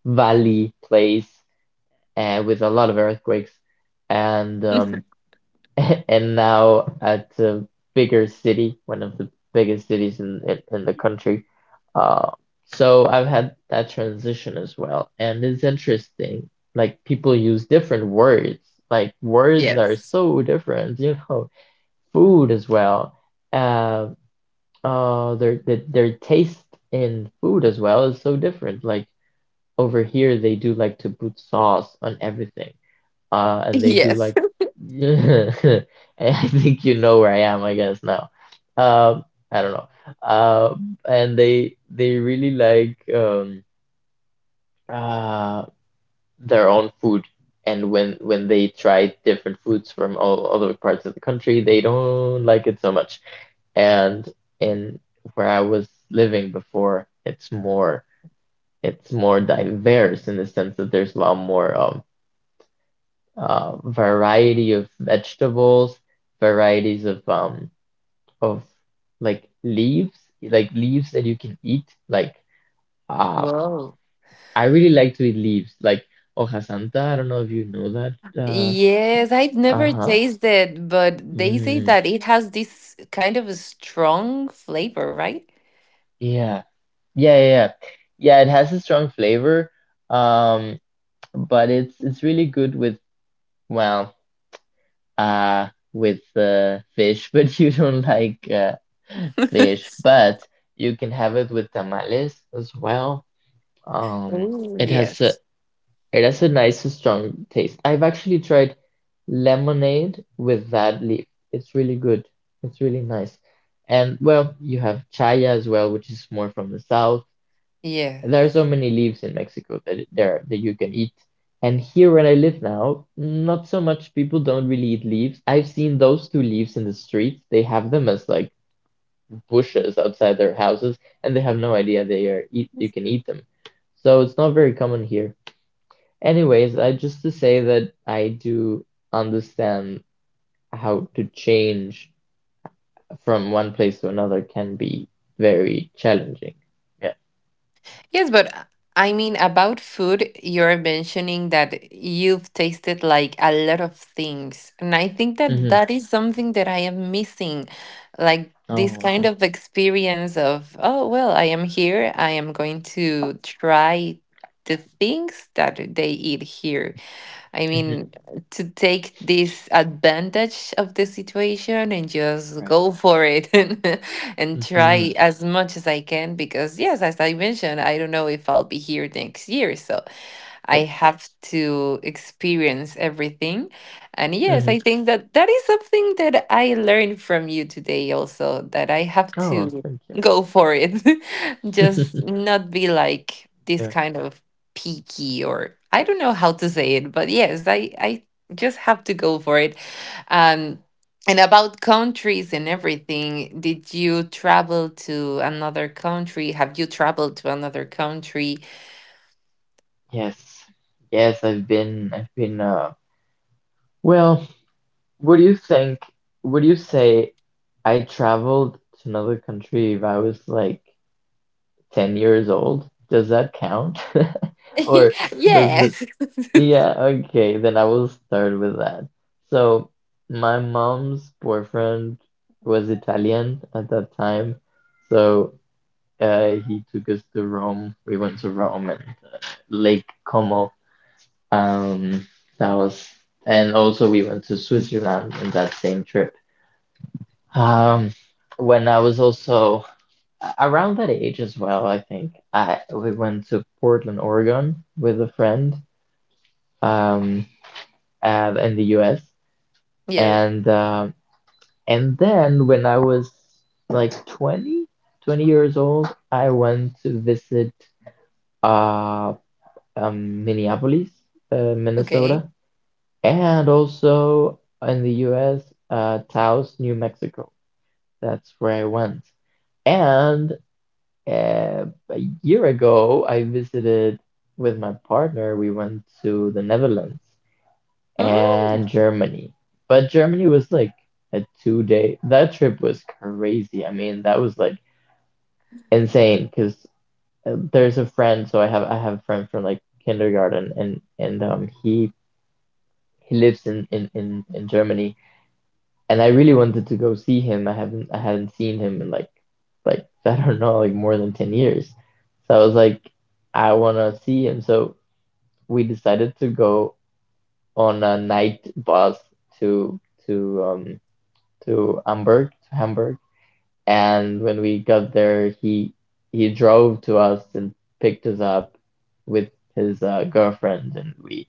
valley place uh, with a lot of earthquakes. And um, and now at a bigger city, one of the biggest cities in in, in the country. Uh, so I've had that transition as well, and it's interesting. Like people use different words. Like words are Yes. so different, you know. Food as well. Uh, uh, their their, their taste in food as well is so different. Like over here, they do like to put sauce on everything uh, and they do Yes. like and I think you know where I am, I guess now. Um, I don't know. Uh, and they they really like um uh their own food. And when when they try different foods from all other parts of the country, they don't like it so much. And in where I was living before, it's more it's more diverse in the sense that there's a lot more um uh, variety of vegetables, varieties of um of like leaves, like leaves that you can eat. Like uh, Whoa. I really like to eat leaves, like hoja santa. I don't know if you know that. Uh, Yes, I've never uh-huh. tasted, but they say Mm, that it has this kind of a strong flavor, right? yeah, yeah, yeah, yeah. Yeah, it has a strong flavor, um, but it's it's really good with well. uh with uh, fish, but you don't like uh, fish. But you can have it with tamales as well. Um, Oh, it has a yes. it has a nice strong taste. I've actually tried lemonade with that leaf. It's really good. It's really nice. And well, you have chaya as well, which is more from the south and there are so Yes. many leaves in Mexico that there that you can eat. And here where I live now, not so much people don't really eat leaves. I've seen those two leaves in the streets. They have them as like bushes outside their houses, and they have no idea they are eat you can eat them. So it's not very common here. Anyways, I just to say that I do understand how to change from one place to another can be very challenging. Yeah. Yes, but uh, I mean, about food, you're mentioning that you've tasted like a lot of things. And I think that Mm-hmm. that is something that I am missing. Like this Oh, kind okay. of experience of, oh, well, I am here. I am going to try the things that they eat here. I Mm-hmm. mean, to take this advantage of the situation and just Right. go for it and, and Mm-hmm. try as much as I can because, yes, as I mentioned, I don't know if I'll be here next year. So I Right? have to experience everything. And yes, Mm-hmm. I think that that is something that I learned from you today also that I have Oh, to thank you. go for it. Just not be like this Okay. kind of picky or I don't know how to say it, but yes, I I just have to go for it. Um and about countries and everything, did you travel to another country? Have you traveled to another country? Yes. Yes, I've been I've been uh well, what do you think would you say I traveled to another country if I was like ten years old? Does that count? Or does it Yes. Yeah, okay, then I will start with that. So, my mom's boyfriend was Italian at that time. So, uh he took us to Rome. We went to Rome and. Lake Como. Um, that was, and also we went to Switzerland in that same trip. Um, when I was also around that age as well, I think I we went to Portland, Oregon with a friend, um, uh, in the U S Yes. and um, and then when I was like twenty, twenty years old, I went to visit uh um Minneapolis, uh, Okay. Minnesota and also in the U S, uh, Taos, New Mexico. That's where I went. And uh, a year ago, I visited with my partner. We went to the Netherlands Oh, and Germany. But Germany was like a two day, that trip was crazy. I mean, that was like insane because there's a friend, so I have I have a friend from like kindergarten and and um he he lives in in in, in Germany and I really wanted to go see him. I haven't I hadn't seen him in like like I don't know like more than ten years. So I was like I want to see him. So we decided to go on a night bus to to um to Hamburg, to Hamburg. And when we got there, he he drove to us and picked us up with his uh, girlfriend and we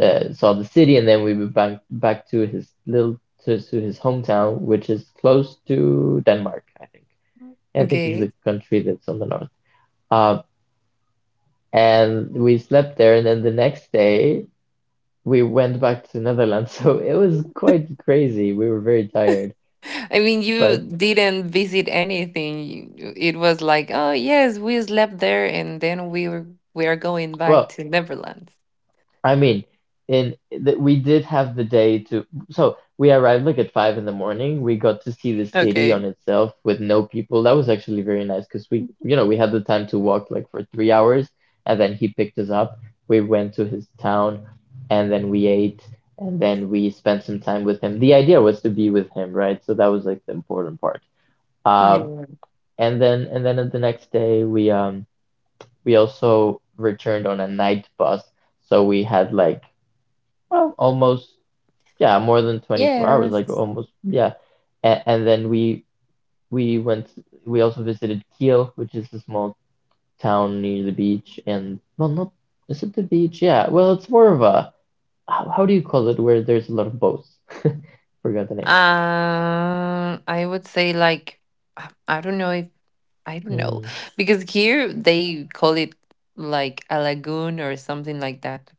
uh, saw the city, and then we moved back back to his little to, to his hometown, which is close to Denmark, I think. I think it's okay. the country that's on the north. Um, and we slept there, and then the next day we went back to Netherlands. So it was quite crazy. We were very tired, I mean, you but didn't visit anything. You- It was like, oh yes, we slept there, and then we were we are going back well, to Neverland. I mean, in that we did have the day to, so we arrived like at five in the morning. We got to see the city Okay. on itself with no people. That was actually very nice because we, you know, we had the time to walk like for three hours, and then he picked us up. We went to his town, and then we ate, and then we spent some time with him. The idea was to be with him, right? So that was like the important part. Uh, Yeah. and then and then the next day we um we also returned on a night bus, so we had like well, almost, yeah, more than twenty-four hours, like Yes. almost, yeah. And, and then we we went, we also visited Kiel, which is a small town near the beach, and well, not, is it the beach? Yeah, well, it's more of a, how, how do you call it, where there's a lot of boats? Forgot the name. Um, I would say, like, I I don't know if I don't know, Mm, because here they call it like a lagoon or something like that,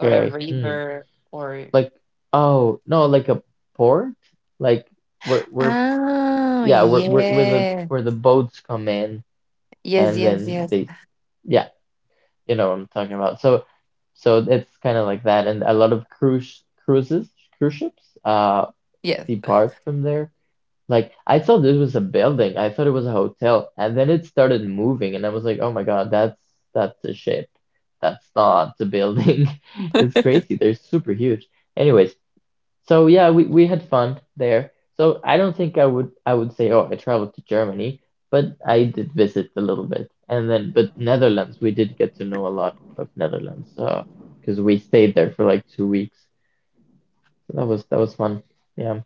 or a Mm, river, or like, oh, no, like a port? Like where where oh yeah, where where where the yeah. where the boats come in Yes, and yes, then yes, they yeah, you know what I'm talking about. So so it's kind of like that, and a lot of cruise cruises, cruise ships, uh, yes. depart from there. Like I thought this was a building, I thought it was a hotel, and then it started moving, and I was like, oh my God, that's that's a ship, that's not the building. It's crazy. They're super huge. Anyways, so yeah, we, we had fun there. So I don't think I would I would say, oh, I traveled to Germany, but I did visit a little bit. And then but Netherlands, we did get to know a lot of Netherlands, uh, because we stayed there for like two weeks. So that was that was fun. Yeah.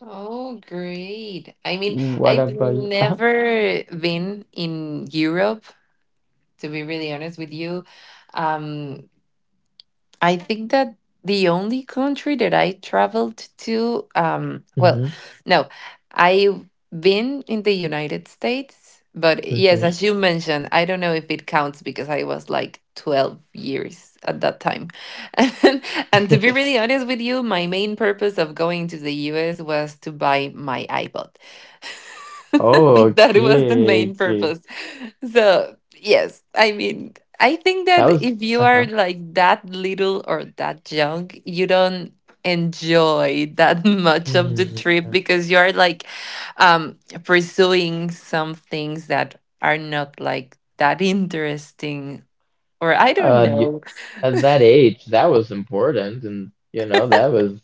Oh, great. I mean, What I've about you? Uh-huh. never been in Europe, to be really honest with you. Um, I think that the only country that I traveled to, um, well, Mm-hmm. no, I've been in the United States, but yes, Mm-hmm. as you mentioned, I don't know if it counts because I was like twelve years at that time. And, to be really honest with you, my main purpose of going to the U S was to buy my iPod. Oh, That was the okay, main okay. purpose. So, yes, I mean, I think That that was if you are uh-huh. like that little or that young, you don't enjoy that much of the Mm, trip okay. because you are like um pursuing some things that are not like that interesting, or I don't Uh, know. at that age, that was important, and you know that was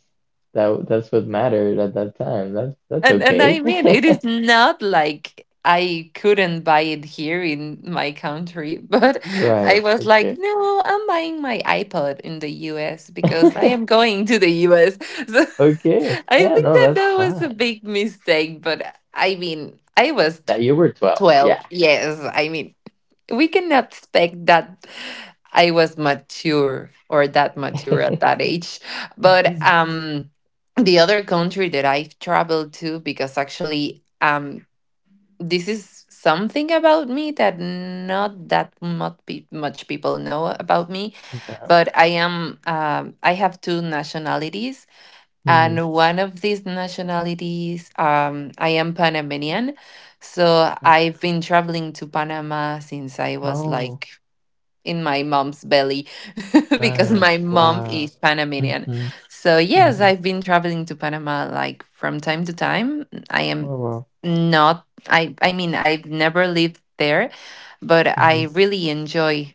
that that's what mattered at that time. That's that's And and I okay. mean, it is not like I couldn't buy it here in my country, but I Right. was like, Okay. no, I'm buying my iPod in the U S because I am going to the U S. So Okay. I Yeah. think No, that that's that was fine. a big mistake, but I mean, I was tw That you were twelve. twelve. Yeah. Yes, I mean, we cannot expect that I was mature or that mature at Okay. that age. But Okay. um, the other country that I've traveled to, because actually, um, this is something about me that not that much, pe- much people know about me. But I am, um, I have two nationalities, Hmm. and one of these nationalities, um, I am Panamanian. So Okay. I've been traveling to Panama since I was Oh, like in my mom's belly because right. my mom Wow. is Panamanian. Mm-hmm. So, yes, Mm-hmm. I've been traveling to Panama like from time to time. I am Wow, wow. not I I mean, I've never lived there, but Mm-hmm. I really enjoy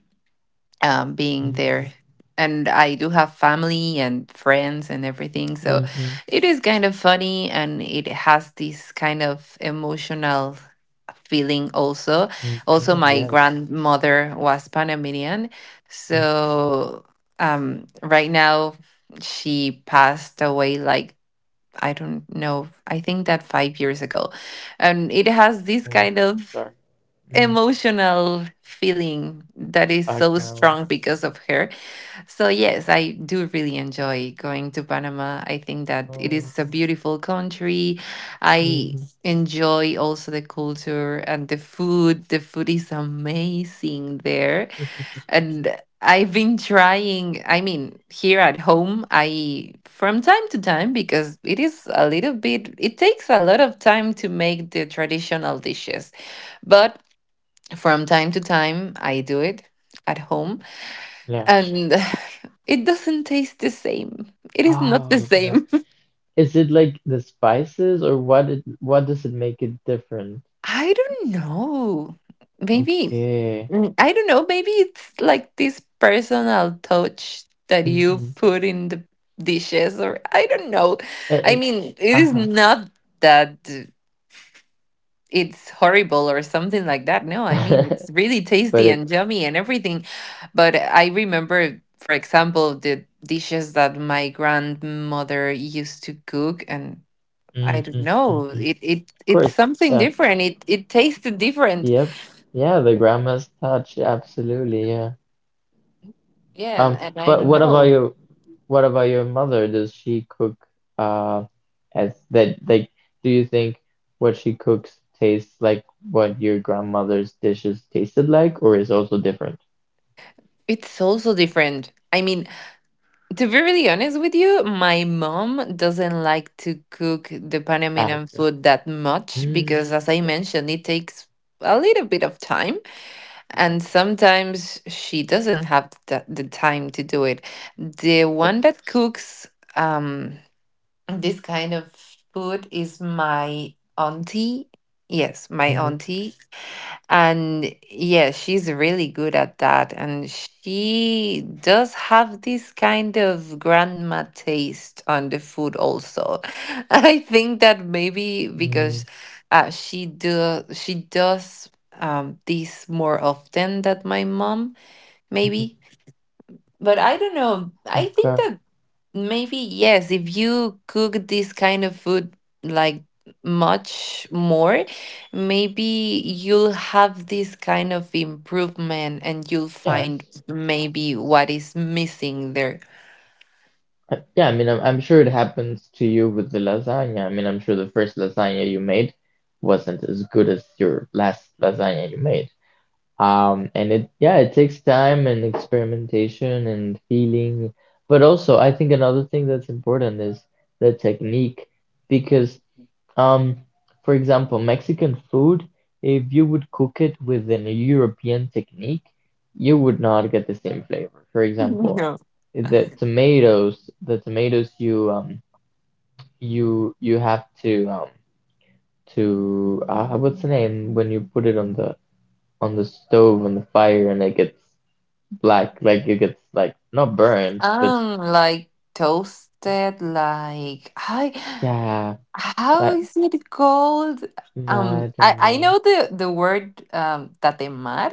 um, being there. Mm-hmm. And I do have family and friends and everything. So Mm-hmm. it is kind of funny and it has this kind of emotional feeling also. Also, Mm-hmm, my yes. grandmother was Panamanian. Mm-hmm. So um, right now, she passed away like, I don't know, I think that five years ago. And it has this Oh, kind I'm of sorry. Mm-hmm. emotional feeling that is so Background. strong because of her. So, yes, I do really enjoy going to Panama. I think that it Oh. is a beautiful country. I Hmm. enjoy also the culture and the food. The food is amazing there. And I've been trying, I mean, here at home, I from time to time because it is a little bit it takes a lot of time to make the traditional dishes. But from time to time, I do it at home, Yeah. and it doesn't taste the same. It is not the Oh, no. same. Is it like the spices or what it what does it make it different? I don't know. Maybe, Okay. mm, I don't know. Maybe it's like this personal touch that you Mm-hmm. put in the dishes, or I don't know. It, I it mean, it is uh-huh. not that. It's horrible or something like that. No, I mean, it's really But tasty it and yummy and everything. But I remember, for example, the dishes that my grandmother used to cook and I don't mm-hmm, know. mm-hmm. It it Of it's course. something Yeah. different. It it tasted different. Yep. Yeah, the grandma's touch, absolutely, yeah. Yeah, and, Um, and I but don't what about know. your what about your mother? Does she cook uh as that like do you think what she cooks tastes like what your grandmother's dishes tasted like or is also different? It's also different. I mean, to be really honest with you, my mom doesn't like to cook the Ah, Panamanian okay. food that much Mm. because as I Okay. mentioned, it takes a little bit of time. Okay. And sometimes she doesn't have the, the time to do it. The Of course. one that cooks um, this kind of food is my auntie. Yes, my Mhm. auntie and yeah, she's really good at that. And she does have this kind of grandma taste on the food also. I think that maybe because Mm. uh, she do she does um this more often than my mom, Mhm. maybe. But I don't know. I think Okay. that maybe yes, if you cook this kind of food like much more, maybe you'll have this kind of improvement and you'll Yes. Yes. find maybe what is missing there. Uh, Yeah, I mean, I'm, I'm sure it happens to you with the lasagna. I mean, I'm sure the first lasagna you made wasn't as good as your last lasagna you made. Um, and it, yeah, it takes time and experimentation and feeling. But also, I think another thing that's important is the technique because Um, for example, Mexican food, if you would cook it within a European technique, you would not get the same flavor. For example, No. the tomatoes, the tomatoes you um you you have to um to uh, what's the name when you put it on the on the stove on the fire and it gets black, like it gets like not burned, but Um, like toasted, like I yeah, how that is it called? Um, I I don't I know. know the the word um tatemar,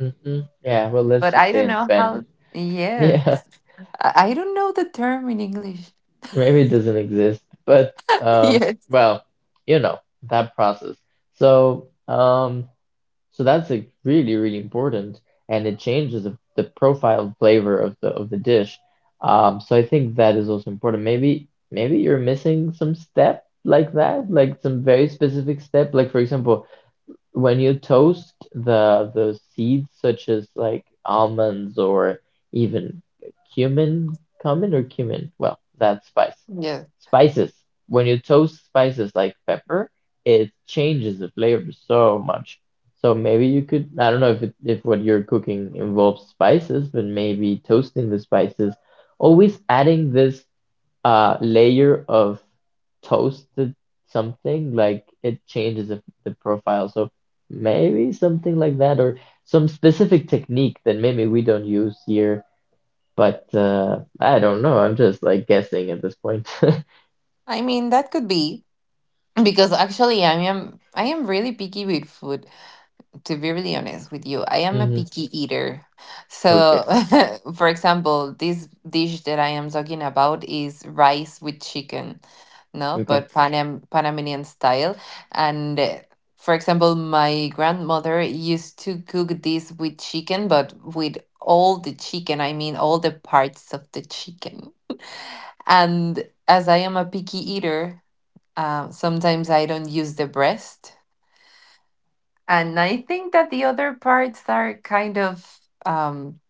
Hmm. Yeah, well, but let's just I say don't in know Spanish. how. Yes, Yeah. I I don't know the term in English. Maybe it doesn't exist, but uh, Yes, well, you know, that process. So, um, so that's like really, really important, and it changes the, the profile and flavor of the of the dish. Um, so I think that is also important. Maybe maybe you're missing some step like that, like some very specific step. Like for example, when you toast the the seeds such as like almonds or even cumin, cumin or cumin, well, that's spice. yes, Spices. When you toast spices like pepper, it changes the flavor so much. So maybe you could, I don't know if it, if what you're cooking involves spices, but maybe toasting the spices, always adding this uh layer of toasted something, like it changes the, the profile. So maybe something like that or some specific technique that maybe we don't use here, but uh I don't know, I'm just like guessing at this point. I mean, that could be because actually i am i am really picky with food. To be really honest with you, I am a Hmm. picky eater. Okay. So for example, this dish that I am talking about is rice with chicken. No, Okay. but Panam- panamanian style. And uh, for example, my grandmother used to cook this with chicken, but with all the chicken. I mean, all the parts of the chicken. And as I am a picky eater, um, sometimes I don't use the breast. And I think that the other parts are kind of um,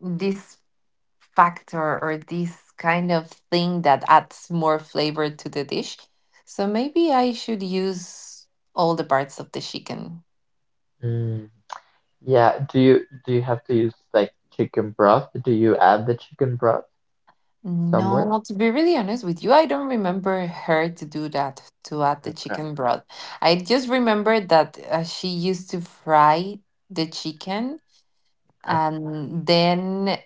this factor or this kind of thing that adds more flavor to the dish. So maybe I should use all the parts of the chicken. Mm. Yeah, do you do you have to use like chicken broth? Do you add the chicken broth somewhere? No, to be really honest with you, I don't remember her to do that, to add the Okay. chicken broth. I just remember that uh, she used to fry the chicken. Okay. And then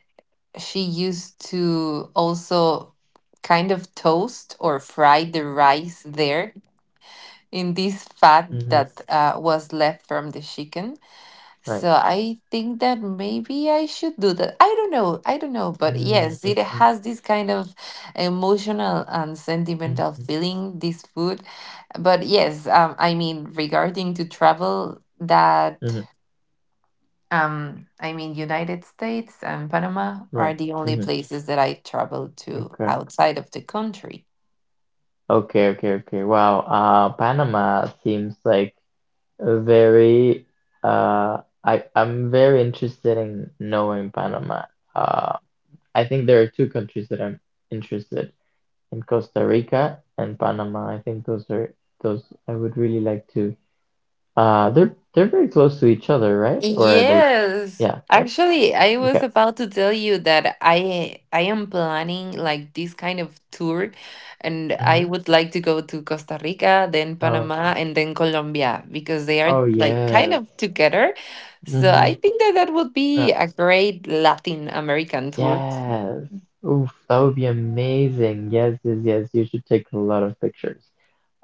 she used to also kind of toast or fry the rice there in this fat Mm-hmm. that uh, was left from the chicken. Right. So I think that maybe I should do that. I don't know. I don't know. But yes, it Mm-hmm. has this kind of emotional and sentimental Mm-hmm. feeling, this food. But yes, um, I mean, regarding to travel, that. Mm-hmm. Um, I mean, United States and Panama Right. are the only Mm-hmm. places that I traveled to Okay. outside of the country. Okay, okay, okay. Wow. Uh, Panama seems like a very uh I I'm very interested in knowing Panama. Uh, I think there are two countries that I'm interested in, Costa Rica and Panama. I think those are those I would really like to. Uh, they're they're very close to each other, right? Or are they? Yes. Yeah, right? Actually, I was Okay. about to tell you that I I am planning like this kind of tour, and I Mm-hmm. would like to go to Costa Rica, then Oh yeah. Panama, and then Colombia because they are Oh like kind yes. of together. So Mm-hmm. I think that that would Uh, be a great Latin American tour. Yes. Oof, that would be amazing. Yes, yes, yes. You should take a lot of pictures.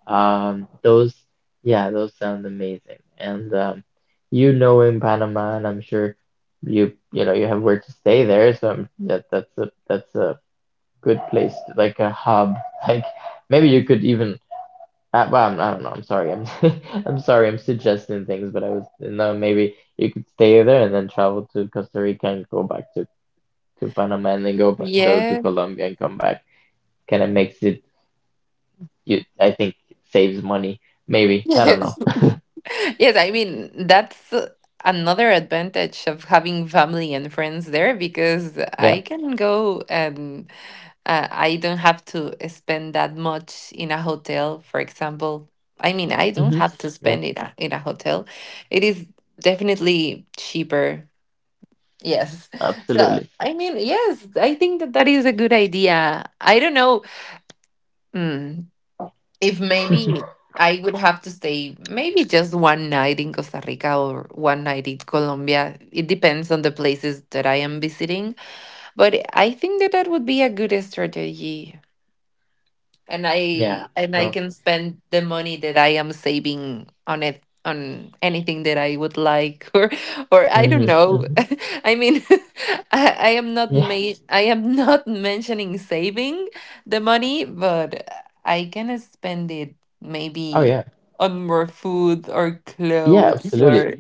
Um, those, yeah, those sound amazing. And um, you know, in Panama, and I'm sure you, you know, you have where to stay there. So I'm- that that's a that's a good place, to- like a hub. Like maybe you could even. Uh, well, I'm, I don't know. I'm sorry. I'm I'm sorry. I'm suggesting things, but I was no. Maybe you could stay there and then travel to Costa Rica and go back to to Panama and then go back though to Yeah. Colombia and come back. Kind of makes it, you I think, saves money. Maybe. I don't know. Yes, I mean, that's another advantage of having family and friends there, because Yeah. I can go and uh, I don't have to spend that much in a hotel, for example. I mean, I don't Mm-hmm. have to Yep. spend it in a in a hotel. It is definitely cheaper. Yes. So, Absolutely. I mean, yes, I think that that is a good idea. I don't know. Hmm, if maybe I would have to stay maybe just one night in Costa Rica or one night in Colombia. It depends on the places that I am visiting, but I think that that would be a good strategy, and Yeah. I and I Well, can spend the money that I am saving on it on anything that I would like or or I don't mm-hmm. know. Mm-hmm. I mean, I, I am not Yeah. ma- I am not mentioning saving the money, but I can spend it Oh maybe yeah. on more food or Yeah, clothes absolutely. or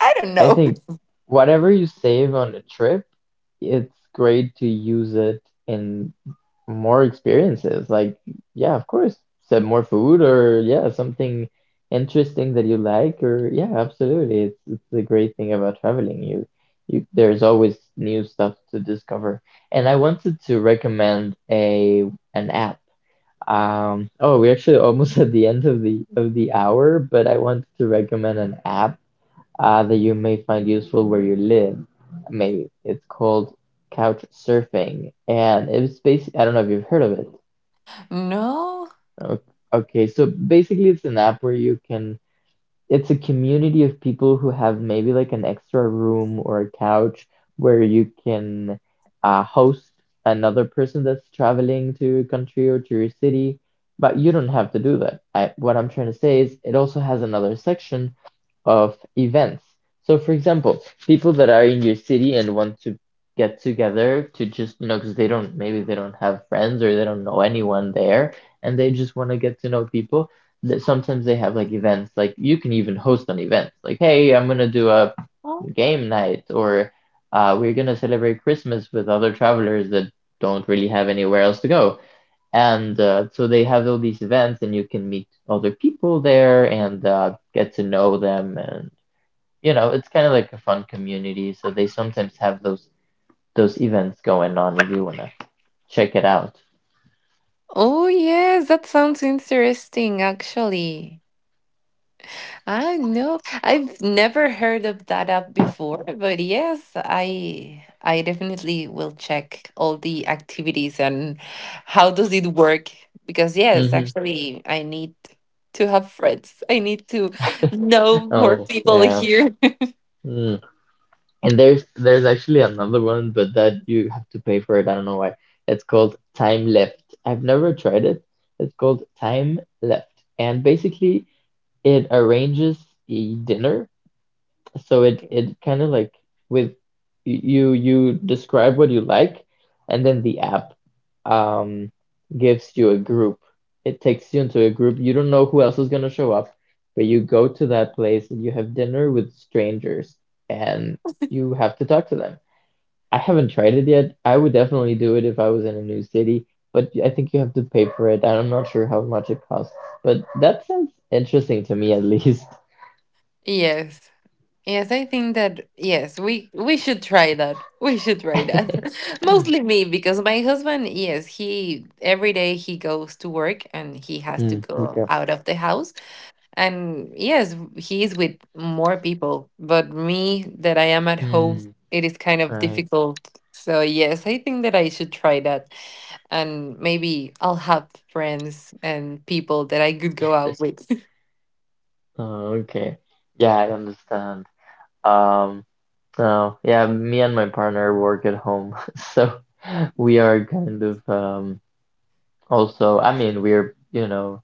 I don't I know. think whatever you save on a trip, it's great to use it in more experiences, like, yeah, of course. So more food or yeah, something interesting that you like, or yeah, absolutely. It's it's the great thing about traveling. You you there's always new stuff to discover. And I wanted to recommend a an app. Um, oh, we're actually almost at the end of the of the hour, but I wanted to recommend an app uh, that you may find useful where you live. Maybe it's called couch surfing, and it's basically, I don't know if you've heard of it. No. O- Okay, so basically it's an app where you can, it's a community of people who have maybe like an extra room or a couch where you can uh, host another person that's traveling to your country or to your city, but you don't have to do that. I, what I'm trying to say is it also has another section of events. So, for example, people that are in your city and want to get together to just, you know, because they don't, maybe they don't have friends or they don't know anyone there, and they just want to get to know people, that sometimes they have like events, like you can even host an event, like, hey, I'm gonna do a game night, or uh, we're gonna celebrate Christmas with other travelers that don't really have anywhere else to go. And uh, so they have all these events and you can meet other people there and uh, get to know them, and you know, it's kind of like a fun community, so they sometimes have those those events going on if you wanna check it out. Oh yes, that sounds interesting actually. I know. I've never heard of that app before, but yes, I I definitely will check all the activities and how does it work, because yes, Hmm. actually I need to have friends. I need to know more Oh people yeah. here. And there's there's actually another one, but that you have to pay for it. I don't know why. It's called Time Left. I've never tried it. It's called Time Left. And basically it arranges a dinner, so it it kind of like with, you you describe what you like, and then the app um gives you a group, it takes you into a group. You don't know who else is going to show up, but you go to that place and you have dinner with strangers, and you have to talk to them. I haven't tried it yet. I would definitely do it if I was in a new city, but I think you have to pay for it. I'm not sure how much it costs, but that sounds interesting to me at least. Yes. Yes, I think that yes, we we should try that. We should try that. Mostly me, because my husband, yes, he every day he goes to work and he has to Mm, go okay. out of the house. And yes, he's with more people, but me that I am at home, Hmm. it is kind of Right. difficult. So yes, I think that I should try that and maybe I'll have friends and people that I could go out with. Oh, okay. Yeah, I understand. Um, so yeah, me and my partner work at home, so we are kind of um also, I mean, we're, you know,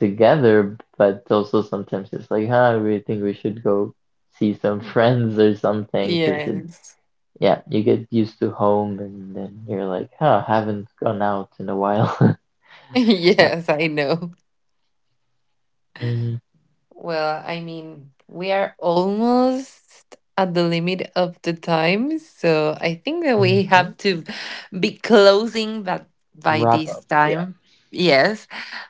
together, but also sometimes it's like, huh, we think we should go see some friends or something, 'cause it, Yes. yeah, you get used to home and then you're like, huh, haven't gone out in a while. Yeah. Yes, I know. Well, I mean, we are almost at the limit of the time, so I think that we Mm-hmm. have to be closing but by Wrap up. this Yeah. time. Yes,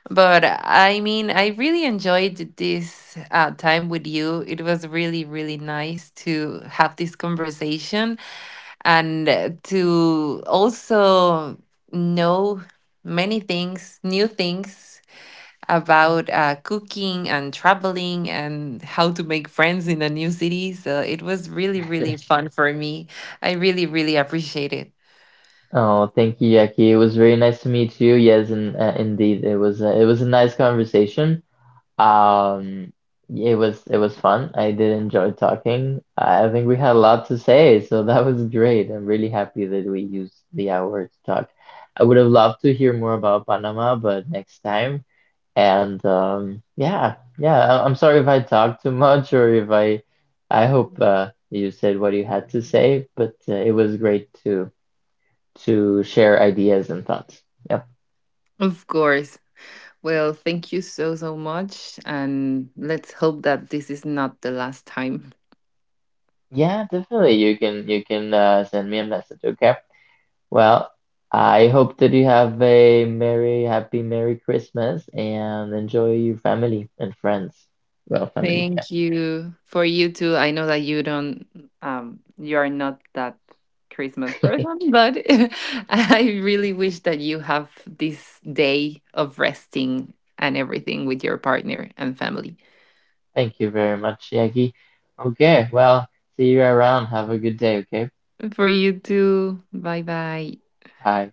but I mean, I really enjoyed this uh, time with you. It was really, really nice to have this conversation and uh, to also know many things, new things about uh, cooking and traveling and how to make friends in a new city. So it was really, really fun for me. I really, really appreciate it. Oh, thank you, Yaki. It was very nice to meet you. Yes, and uh, indeed, it was a, it was a nice conversation. Um, it was it was fun. I did enjoy talking. I think we had a lot to say, so that was great. I'm really happy that we used the hour to talk. I would have loved to hear more about Panama, but next time. And um, yeah, yeah. I I'm sorry if I talked too much or if I. I hope uh, you said what you had to say, but uh, it was great to to share ideas and thoughts. Yep. Of course. Well, thank you so, so much. And let's hope that this is not the last time. Yeah, definitely. You can you can uh, send me a message, okay? Well, I hope that you have a merry, happy, merry Christmas and enjoy your family and friends. Well, family, Thank you for you too. I know that you don't, um, you are not that Christmas yeah. person, but I really wish that you have this day of resting and everything with your partner and family. Thank you very much, Yagi. Okay, well, see you around. Have a good day, okay? For you too. Bye bye. Bye.